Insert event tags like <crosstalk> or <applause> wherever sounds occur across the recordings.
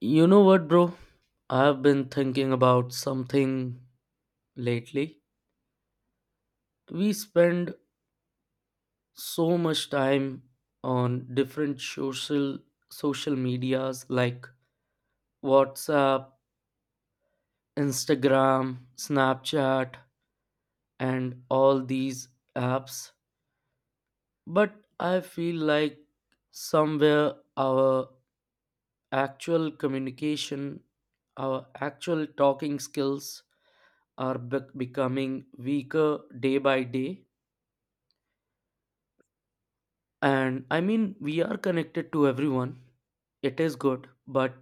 You know what, bro? I've been thinking about something lately. We spend so much time on different social medias like WhatsApp, Instagram, Snapchat, and all these apps. But I feel like somewhere our actual communication, our actual talking skills are becoming weaker day by day. And I mean, we are connected to everyone. It is good, but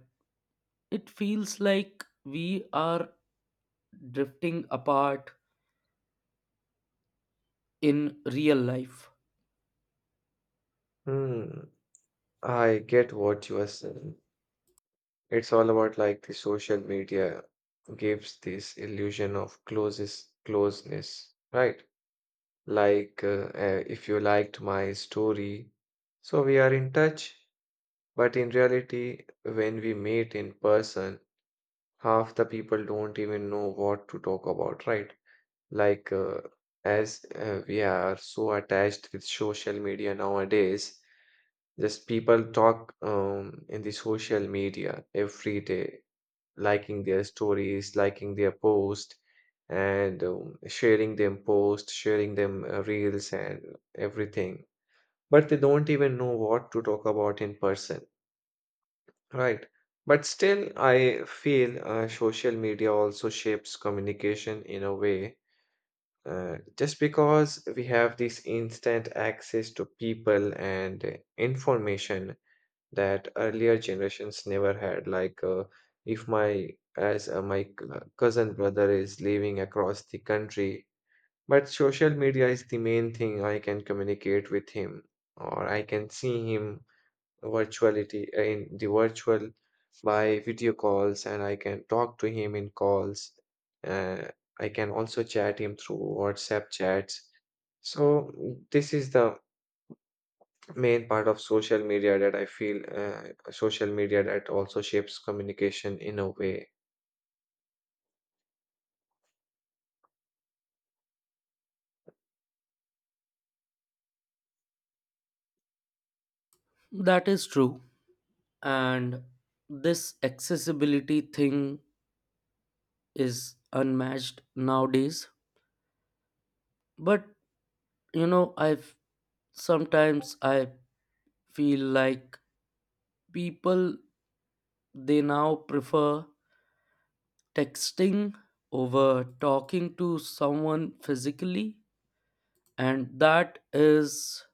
it feels like we are drifting apart in real life. Hmm, I get what you are saying. It's all about like the social media gives this illusion of closest closeness, right? Like if you liked my story, so we are in touch. But in reality, when we meet in person, half the people don't even know what to talk about, right? Like as we are so attached with social media nowadays. Just people talk in the social media every day, liking their stories, liking their post, and sharing them posts, sharing them reels and everything. But they don't even know what to talk about in person, right? But still, I feel social media also shapes communication in a way. Just because we have this instant access to people and information, that earlier generations never had. Like if my as my c- cousin brother is living across the country, but social media is the main thing I can communicate with him, or I can see him virtuality in the virtual by video calls, and I can talk to him in calls. Uh, I can also chat him through WhatsApp chats. So this is the main part of social media that I feel social media that also shapes communication in a way. That is true. And this accessibility thing is unmatched nowadays. But you know, I've sometimes I feel like people, they now prefer texting over talking to someone physically, and that is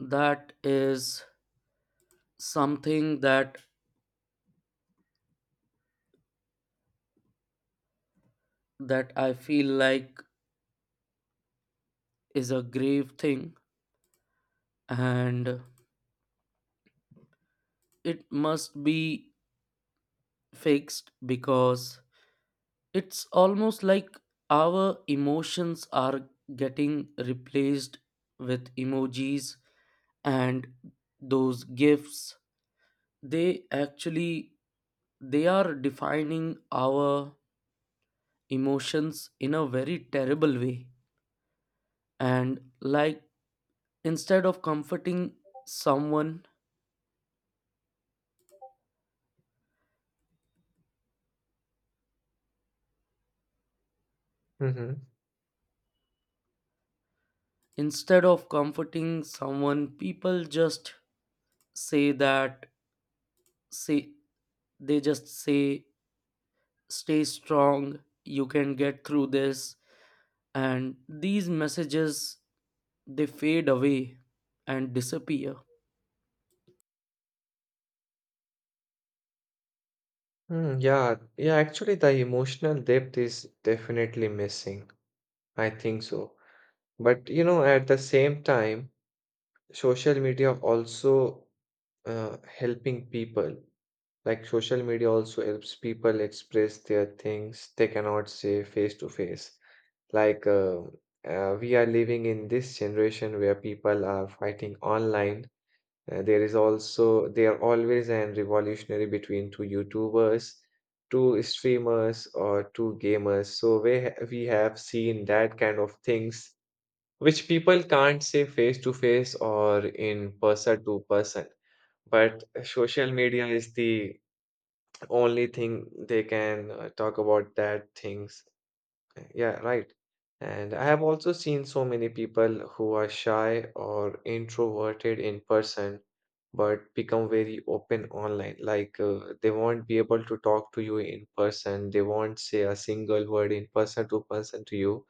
that is something that I feel like is a grave thing, and it must be fixed because it's almost like our emotions are getting replaced with emojis, and those gifts, they actually, they are defining our emotions in a very terrible way. And like, instead of comforting someone Hmm. instead of comforting someone, people just say that say they just say, stay strong, you can get through this, and these messages, they fade away and disappear. Yeah, yeah, actually, the emotional depth is definitely missing. I think so. But you know, at the same time, social media also helping people. Like social media also helps people express their things they cannot say face to face. Like, we are living in this generation where people are fighting online. There is also, they are always an revolutionary between two YouTubers, two streamers, or two gamers. So we have seen that kind of things which people can't say face to face or in person to person. But social media is the only thing they can talk about that things. Yeah, right. And I have also seen so many people who are shy or introverted in person, but become very open online. Like they won't be able to talk to you in person. They won't say a single word in person to person to you.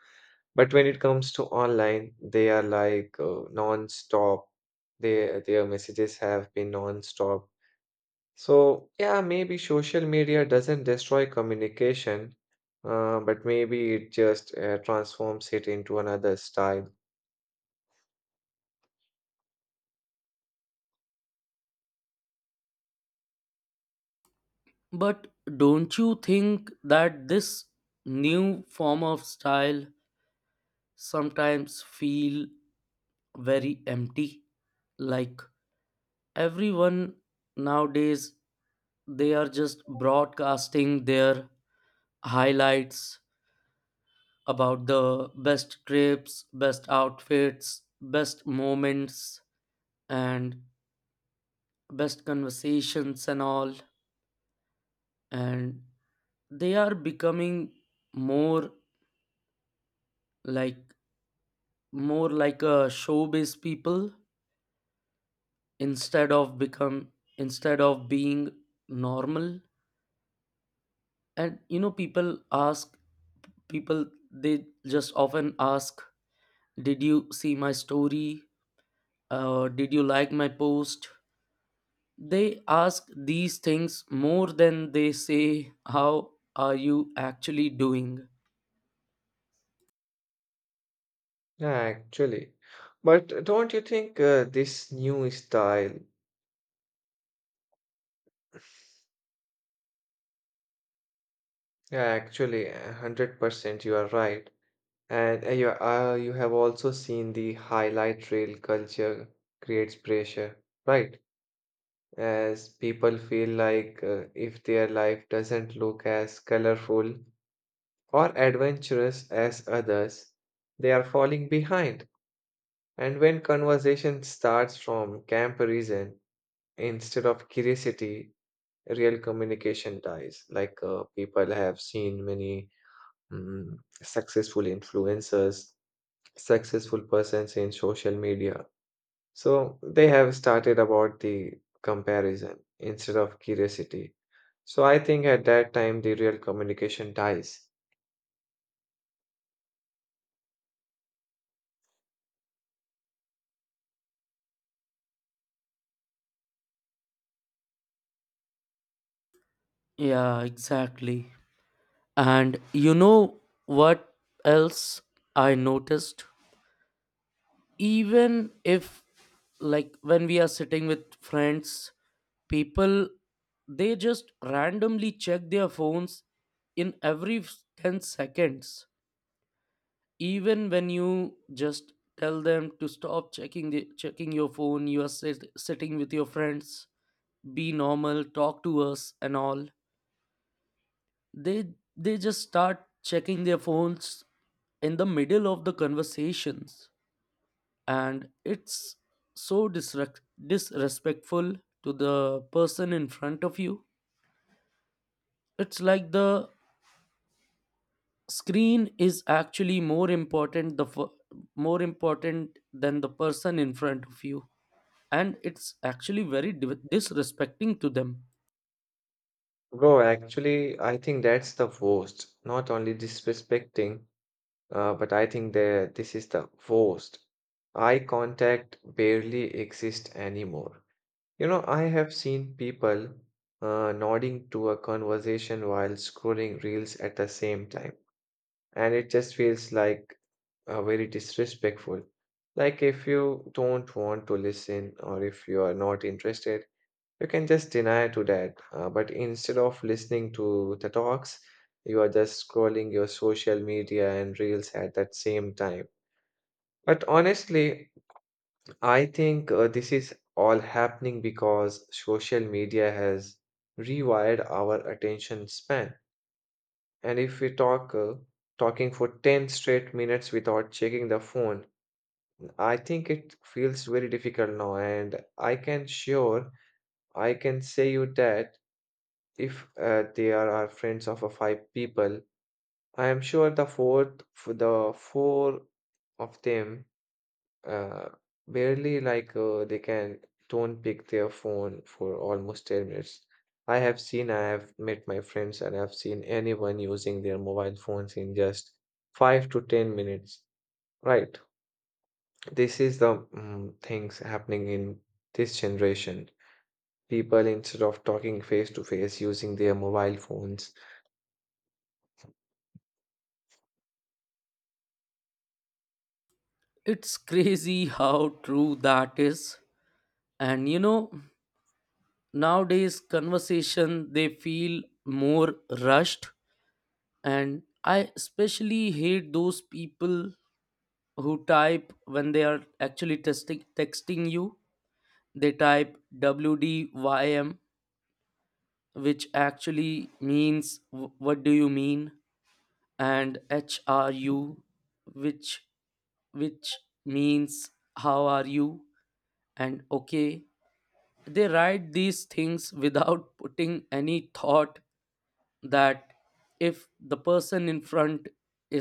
But when it comes to online, they are like non-stop. Their messages have been non-stop. So, yeah, maybe social media doesn't destroy communication, but maybe it just transforms it into another style. But don't you think that this new form of style sometimes feel very empty? Like everyone nowadays, they are just broadcasting their highlights about the best trips, best outfits, best moments, and best conversations and all. And they are becoming more like, more like a showbiz people, instead of become instead of being normal. And you know, people they just often ask, did you see my story? Did you like my post? They ask these things more than they say, how are you actually doing? Yeah, actually. But don't you think this new style, yeah, actually, a 100% you are right. And you have also seen the highlight reel culture creates pressure, right? As people feel like if their life doesn't look as colorful, or adventurous as others, they are falling behind. And when conversation starts from comparison instead of curiosity, real communication dies. Like people have seen many successful influencers, successful persons in social media. So they have started about the comparison instead of curiosity. So I think at that time the real communication dies. Yeah, exactly. And you know what else I noticed, even if, like when we are sitting with friends, people, they just randomly check their phones in every 10 seconds. Even when you just tell them to stop checking your phone, you are sitting with your friends, be normal, talk to us and all, they they just start checking their phones in the middle of the conversations. And it's so disrespectful to the person in front of you. It's like the screen is actually more important, more important than the person in front of you. And it's actually very disrespecting to them. Bro, actually, I think that's the worst. Not only disrespecting, but I think that this is the worst. Eye contact barely exists anymore. You know, I have seen people nodding to a conversation while scrolling reels at the same time, and it just feels like very disrespectful. Like if you don't want to listen or if you are not interested, you can just deny to that, but instead of listening to the talks, you are just scrolling your social media and reels at that same time. But honestly, I think this is all happening because social media has rewired our attention span. And if we talking for 10 straight minutes without checking the phone, I think it feels very difficult now. And I can say you that. If there are friends of a five people, I am sure the four of them uh, barely like they can don't pick their phone for almost 10 minutes. I have seen, I have met my friends, and I've seen anyone using their mobile phones in just 5 to 10 minutes. Right. This is the things happening in this generation. People, instead of talking face to face, using their mobile phones. It's crazy how true that is. And you know, nowadays conversation, they feel more rushed. And I especially hate those people who type when they are actually testing texting you. They type wdym, which actually means what do you mean", and hru, which which means how are you, and okay. They write these things without putting any thought that if the person in front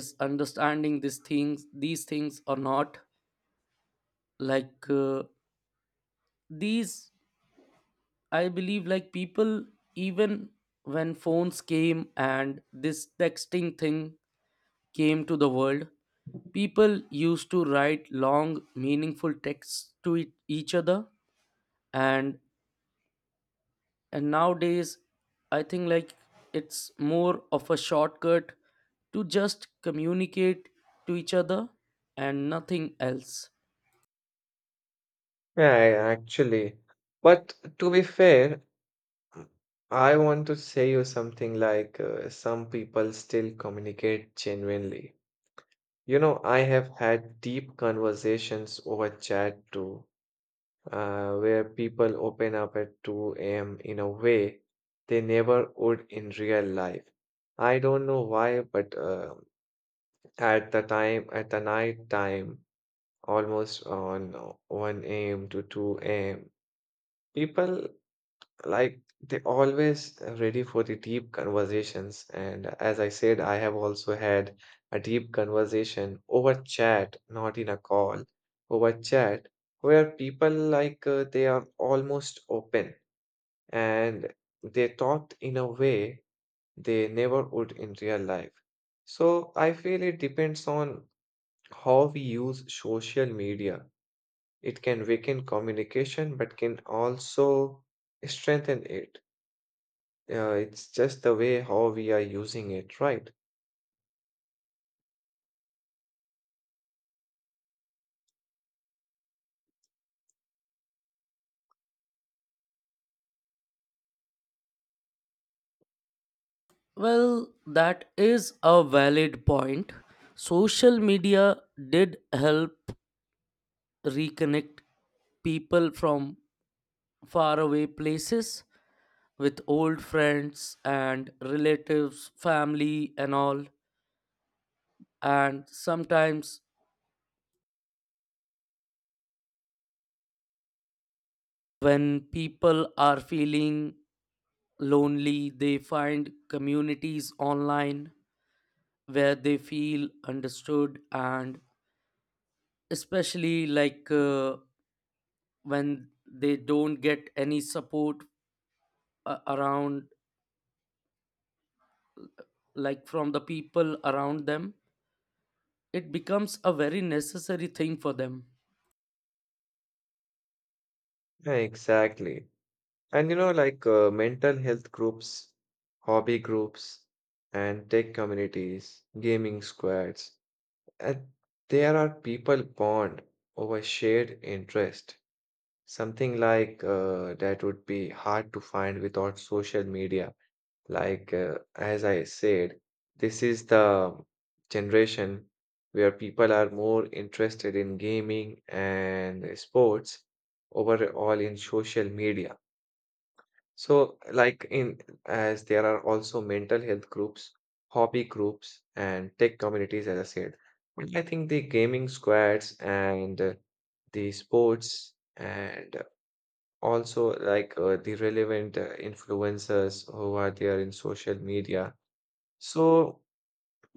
is understanding these things or not. Like these I believe like people, even when phones came and this texting thing came to the world, people used to write long meaningful texts to each other. And and nowadays, I think like it's more of a shortcut to just communicate to each other and nothing else. Yeah, yeah, actually. But to be fair, I want to say you something like some people still communicate genuinely. You know, I have had deep conversations over chat too, where people open up at 2 a.m. in a way they never would in real life. I don't know why, but at the night time, almost on 1 a.m. to 2 a.m., people like they always ready for the deep conversations. And as I said, I have also had a deep conversation over chat, not in a call, over chat, where people like they are almost open, and they talked in a way they never would in real life. So I feel it depends on how we use social media. It can weaken communication, but can also strengthen it. Yeah, it's just the way how we are using it, right? Well, that is a valid point. Social media did help reconnect people from faraway places with old friends and relatives, family and all. And sometimes when people are feeling lonely, they find communities online where they feel understood, and especially when they don't get any support around, like from the people around them, it becomes a very necessary thing for them. Yeah, exactly. And you know, like mental health groups, hobby groups, and tech communities, gaming squads, and there are people bond over shared interest, something like that would be hard to find without social media. Like, as I said, this is the generation where people are more interested in gaming and sports overall in social media. So, like, in as there are also mental health groups, hobby groups, and tech communities, as I said. And I think the gaming squads and the sports, and also like the relevant influencers who are there in social media, so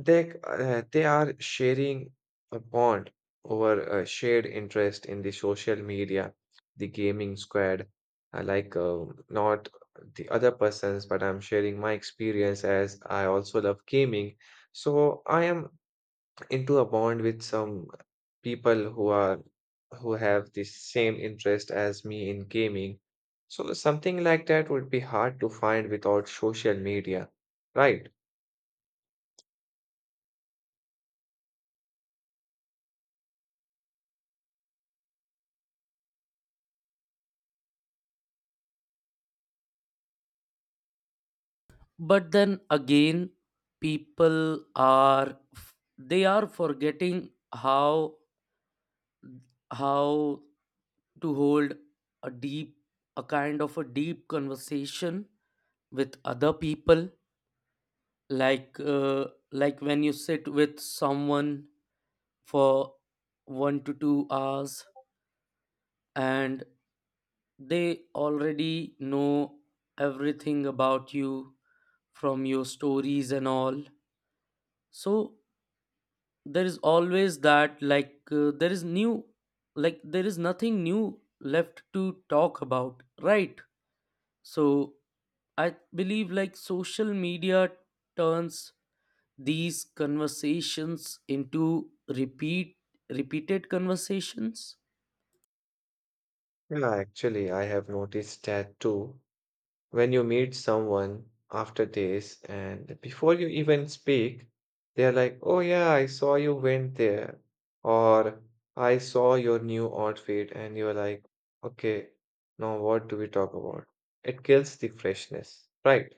they are sharing a bond over a shared interest in the social media, the gaming squad. I like, not the other persons, but I'm sharing my experience as I also love gaming. So I am into a bond with some people who have the same interest as me in gaming. So something like that would be hard to find without social media, right? But then again, they are forgetting how to hold a deep a kind of a deep conversation with other people, like uh, like when you sit with someone for 1 to 2 hours, and they already know everything about you from your stories and all. So there is always that, like there is nothing new left to talk about, right? So I believe like social media turns these conversations into repeated conversations. Yeah, actually, I have noticed that too. When you meet someone after this, and before you even speak, they're like, oh, yeah, I saw you went there, or I saw your new outfit, and you're like, okay, now what do we talk about? It kills the freshness, right?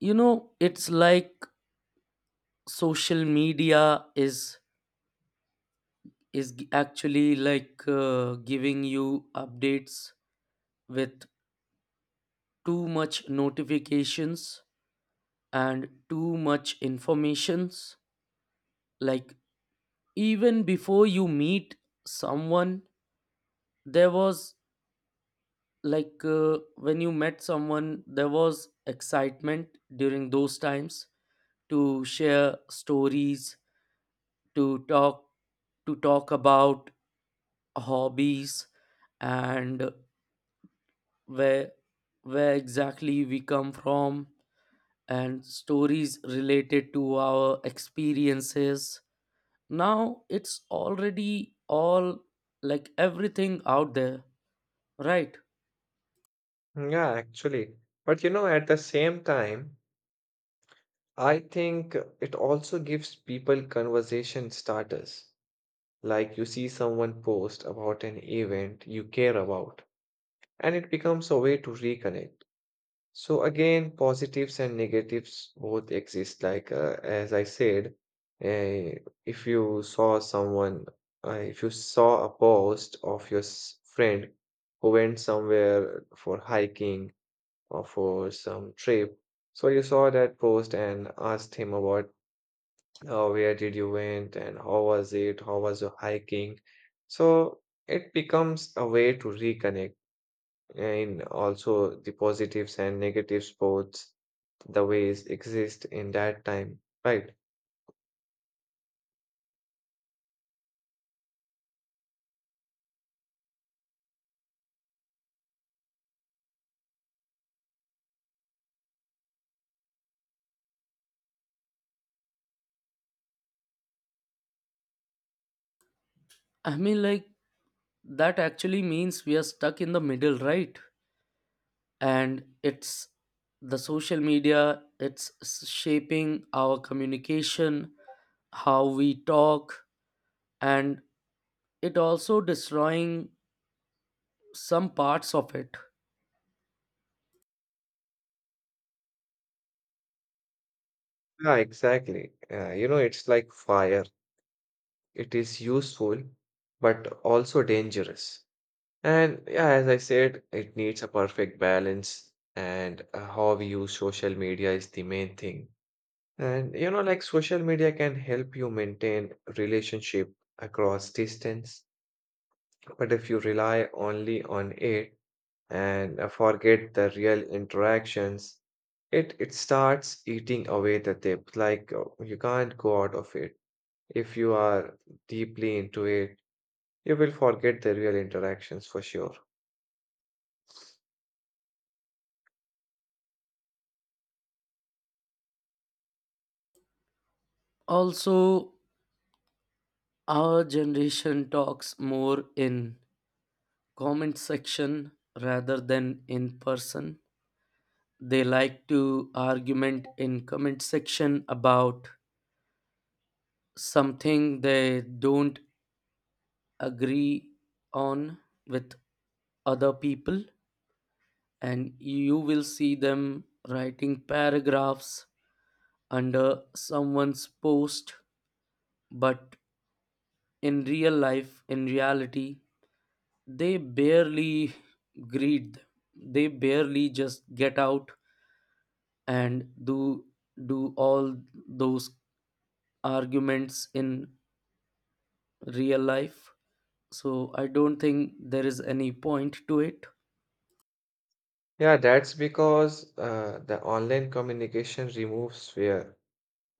You know, it's like social media is actually giving you updates with too much notifications and too much informations. Like even before you meet someone, there was, when you met someone, there was excitement during those times to share stories, to talk to talk about hobbies, and where where exactly we come from, and stories related to our experiences. Now it's already all, like everything out there, right? Yeah, actually. But you know, at the same time, I think it also gives people conversation starters. Like you see someone post about an event you care about, and it becomes a way to reconnect. So, again, positives and negatives both exist. Like, as I said, uh, if you saw someone, if you saw a post of your friend who went somewhere for hiking or for some trip. So you saw that post and asked him about where did you went, and how was it, how was your hiking? So it becomes a way to reconnect, and also the positives and negatives both the ways exist in that time, right? I mean like, that actually means we are stuck in the middle, right? And it's the social media, shaping our communication, how we talk, and it also destroying some parts of it. Yeah, exactly. You know, it's like fire. It is useful, but also dangerous. And yeah, as I said, it needs a perfect balance, and how we use social media is the main thing. And you know, like social media can help you maintain relationship across distance, but if you rely only on it and forget the real interactions, it starts eating away the depth. Like you can't go out of it. If you are deeply into it, you will forget the real interactions for sure. Also, our generation talks more in comment section rather than in person. They like to argument in comment section about something they don't agree on with other people. And you will see them writing paragraphs under someone's post, but in real life, in reality, they barely greet them. They barely just get out and do all those arguments in real life. So I don't think there is any point to it. Yeah, that's because the online communication removes fear.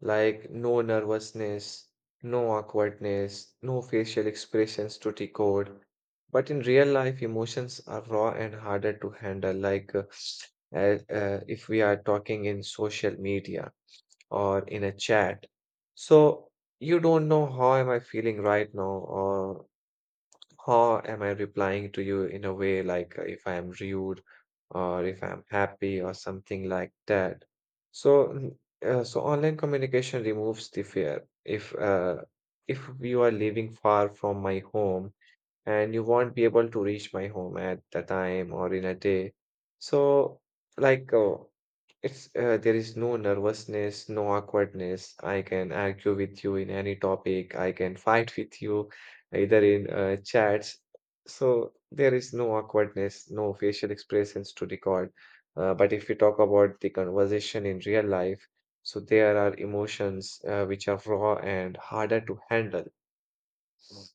Like no nervousness, no awkwardness, no facial expressions to decode. But in real life, emotions are raw and harder to handle. Like if we are talking in social media or in a chat. So you don't know how am I feeling right now, or how am I replying to you in a way, like if I am rude or if I'm happy or something like that? So, mm, so online communication removes the fear. If you are living far from my home, and you won't be able to reach my home at the time or in a day. So, like, it's there is no nervousness, no awkwardness. I can argue with you in any topic. I can fight with you either in chats. So there is no awkwardness, no facial expressions to record. But if we talk about the conversation in real life, so there are emotions which are raw and harder to handle. Mm.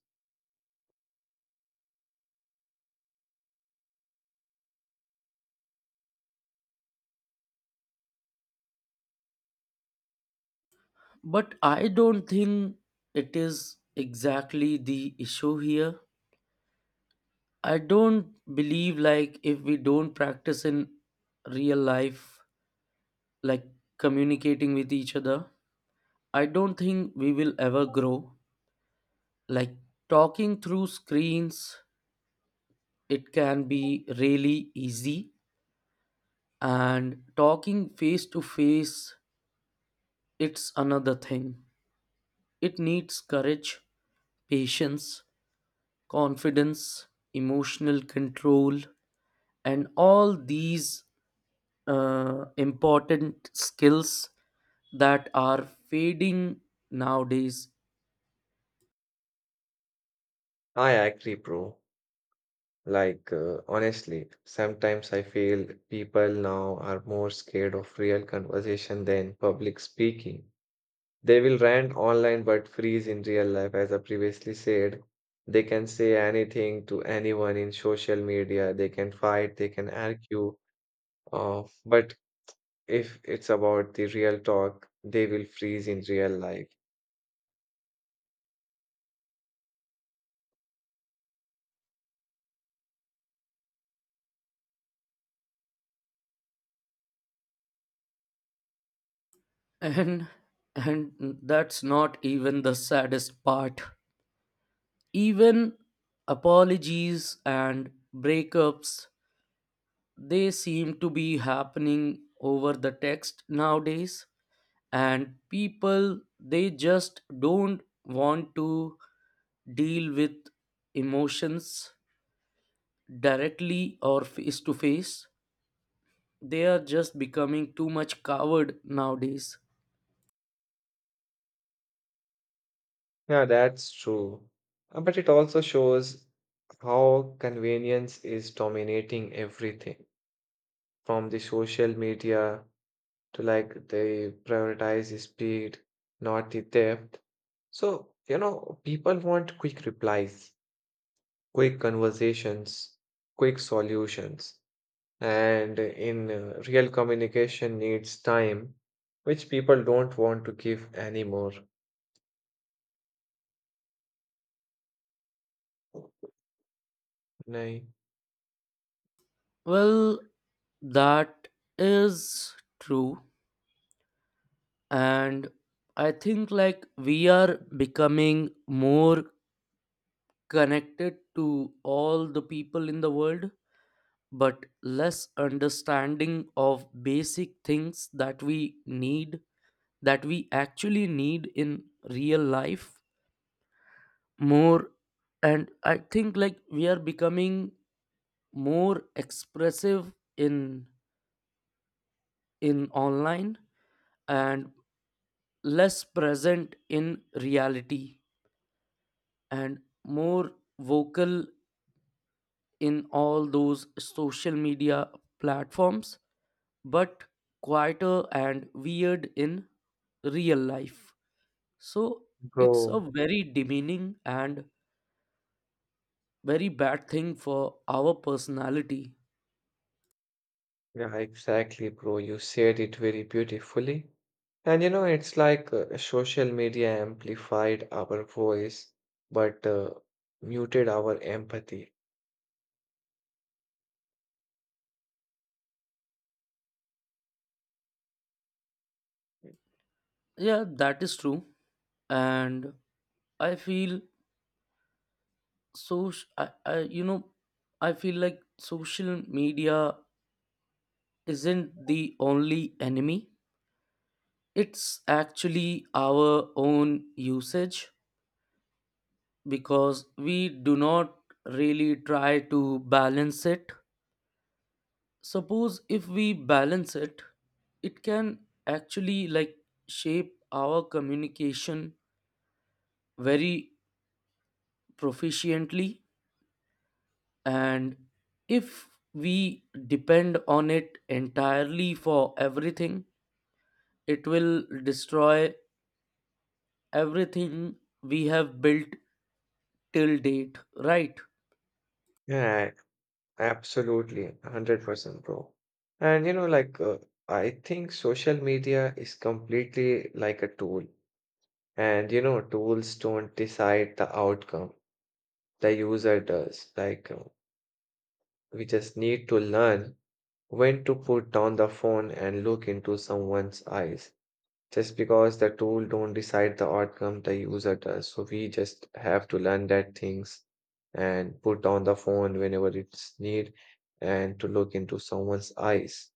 But I don't think it is exactly the issue here. I don't believe like if we don't practice in real life, like communicating with each other, I don't think we will ever grow. Like talking through screens, it can be really easy, and talking face to face, it's another thing. It needs courage, patience, confidence, emotional control, and all these important skills that are fading nowadays. I agree, bro. Like, honestly, sometimes I feel people now are more scared of real conversation than public speaking. They will rant online but freeze in real life, as I previously said. They can say anything to anyone in social media, they can fight, they can argue. But if it's about the real talk, they will freeze in real life. <laughs> And and that's not even the saddest part. Even apologies and breakups, they seem to be happening over the text nowadays. And people, they just don't want to deal with emotions directly or face to face. They are just becoming too much coward nowadays. Yeah, that's true. But it also shows how convenience is dominating everything. From the social media to, like, they prioritize the speed, not the depth. So, you know, people want quick replies, quick conversations, quick solutions. And in real communication needs time, which people don't want to give anymore. Nay, Well, that is true. And I think like we are becoming more connected to all the people in the world, but less understanding of basic things that we need, that we actually need in real life more. And I think like we are becoming more expressive in in online, and less present in reality, and more vocal in all those social media platforms, but quieter and weird in real life. So it's a bro. very demeaning and very bad thing for our personality. Yeah, exactly, bro. You said it very beautifully. And you know, it's like social media amplified our voice, but muted our empathy. Yeah, that is true. And I feel so, you know, I feel like social media isn't the only enemy. It's actually our own usage because we do not really try to balance it. Suppose if we balance it, it can actually, like, shape our communication very proficiently. And if we depend on it entirely for everything, it will destroy everything we have built till date, right? Yeah, absolutely, 100%, bro. And you know, like, I think social media is completely like a tool. And you know, tools don't decide the outcome, the user does. Like, we just need to learn when to put down the phone and look into someone's eyes. Just because the tool don't decide the outcome, the user does. So we just have to learn that things, and put on the phone whenever it's need, and to look into someone's eyes.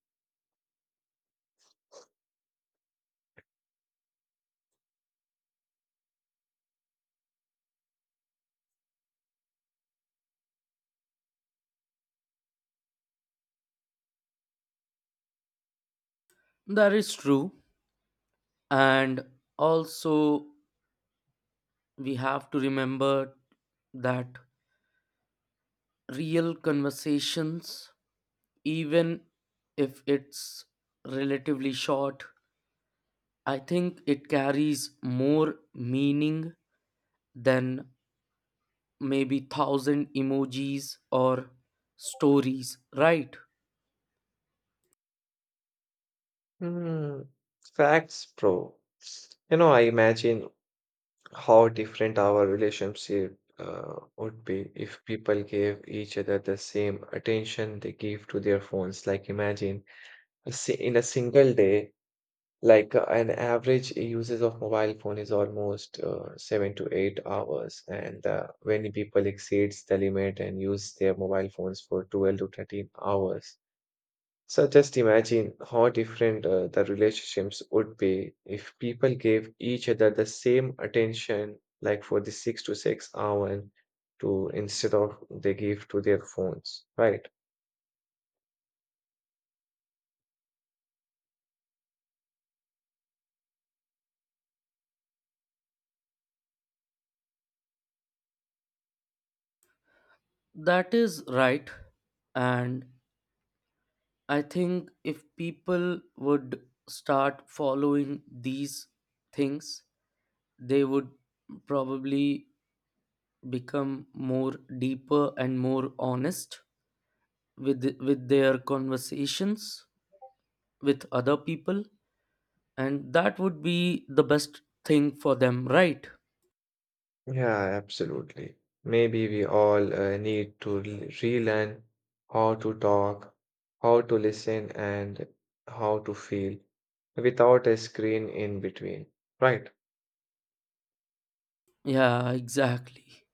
That is true. And also, we have to remember that real conversations, even if it's relatively short, I think it carries more meaning than maybe thousand emojis or stories, right? Hmm. Facts, bro. You know, I imagine how different our relationship would be if people gave each other the same attention they give to their phones. Like imagine in a single day. Like an average usage of mobile phone is almost 7 to 8 hours, and many people exceeds the limit and use their mobile phones for 12 to 13 hours. So just imagine how different the relationships would be if people gave each other the same attention, like for the 6 to 6 hour, to instead of they give to their phones, right? That is right. And I think if people would start following these things, they would probably become more deeper and more honest with their conversations with other people, and that would be the best thing for them, right? Yeah, absolutely. Maybe we all need to relearn how to talk, how to listen, and how to feel without a screen in between, right? Yeah, exactly.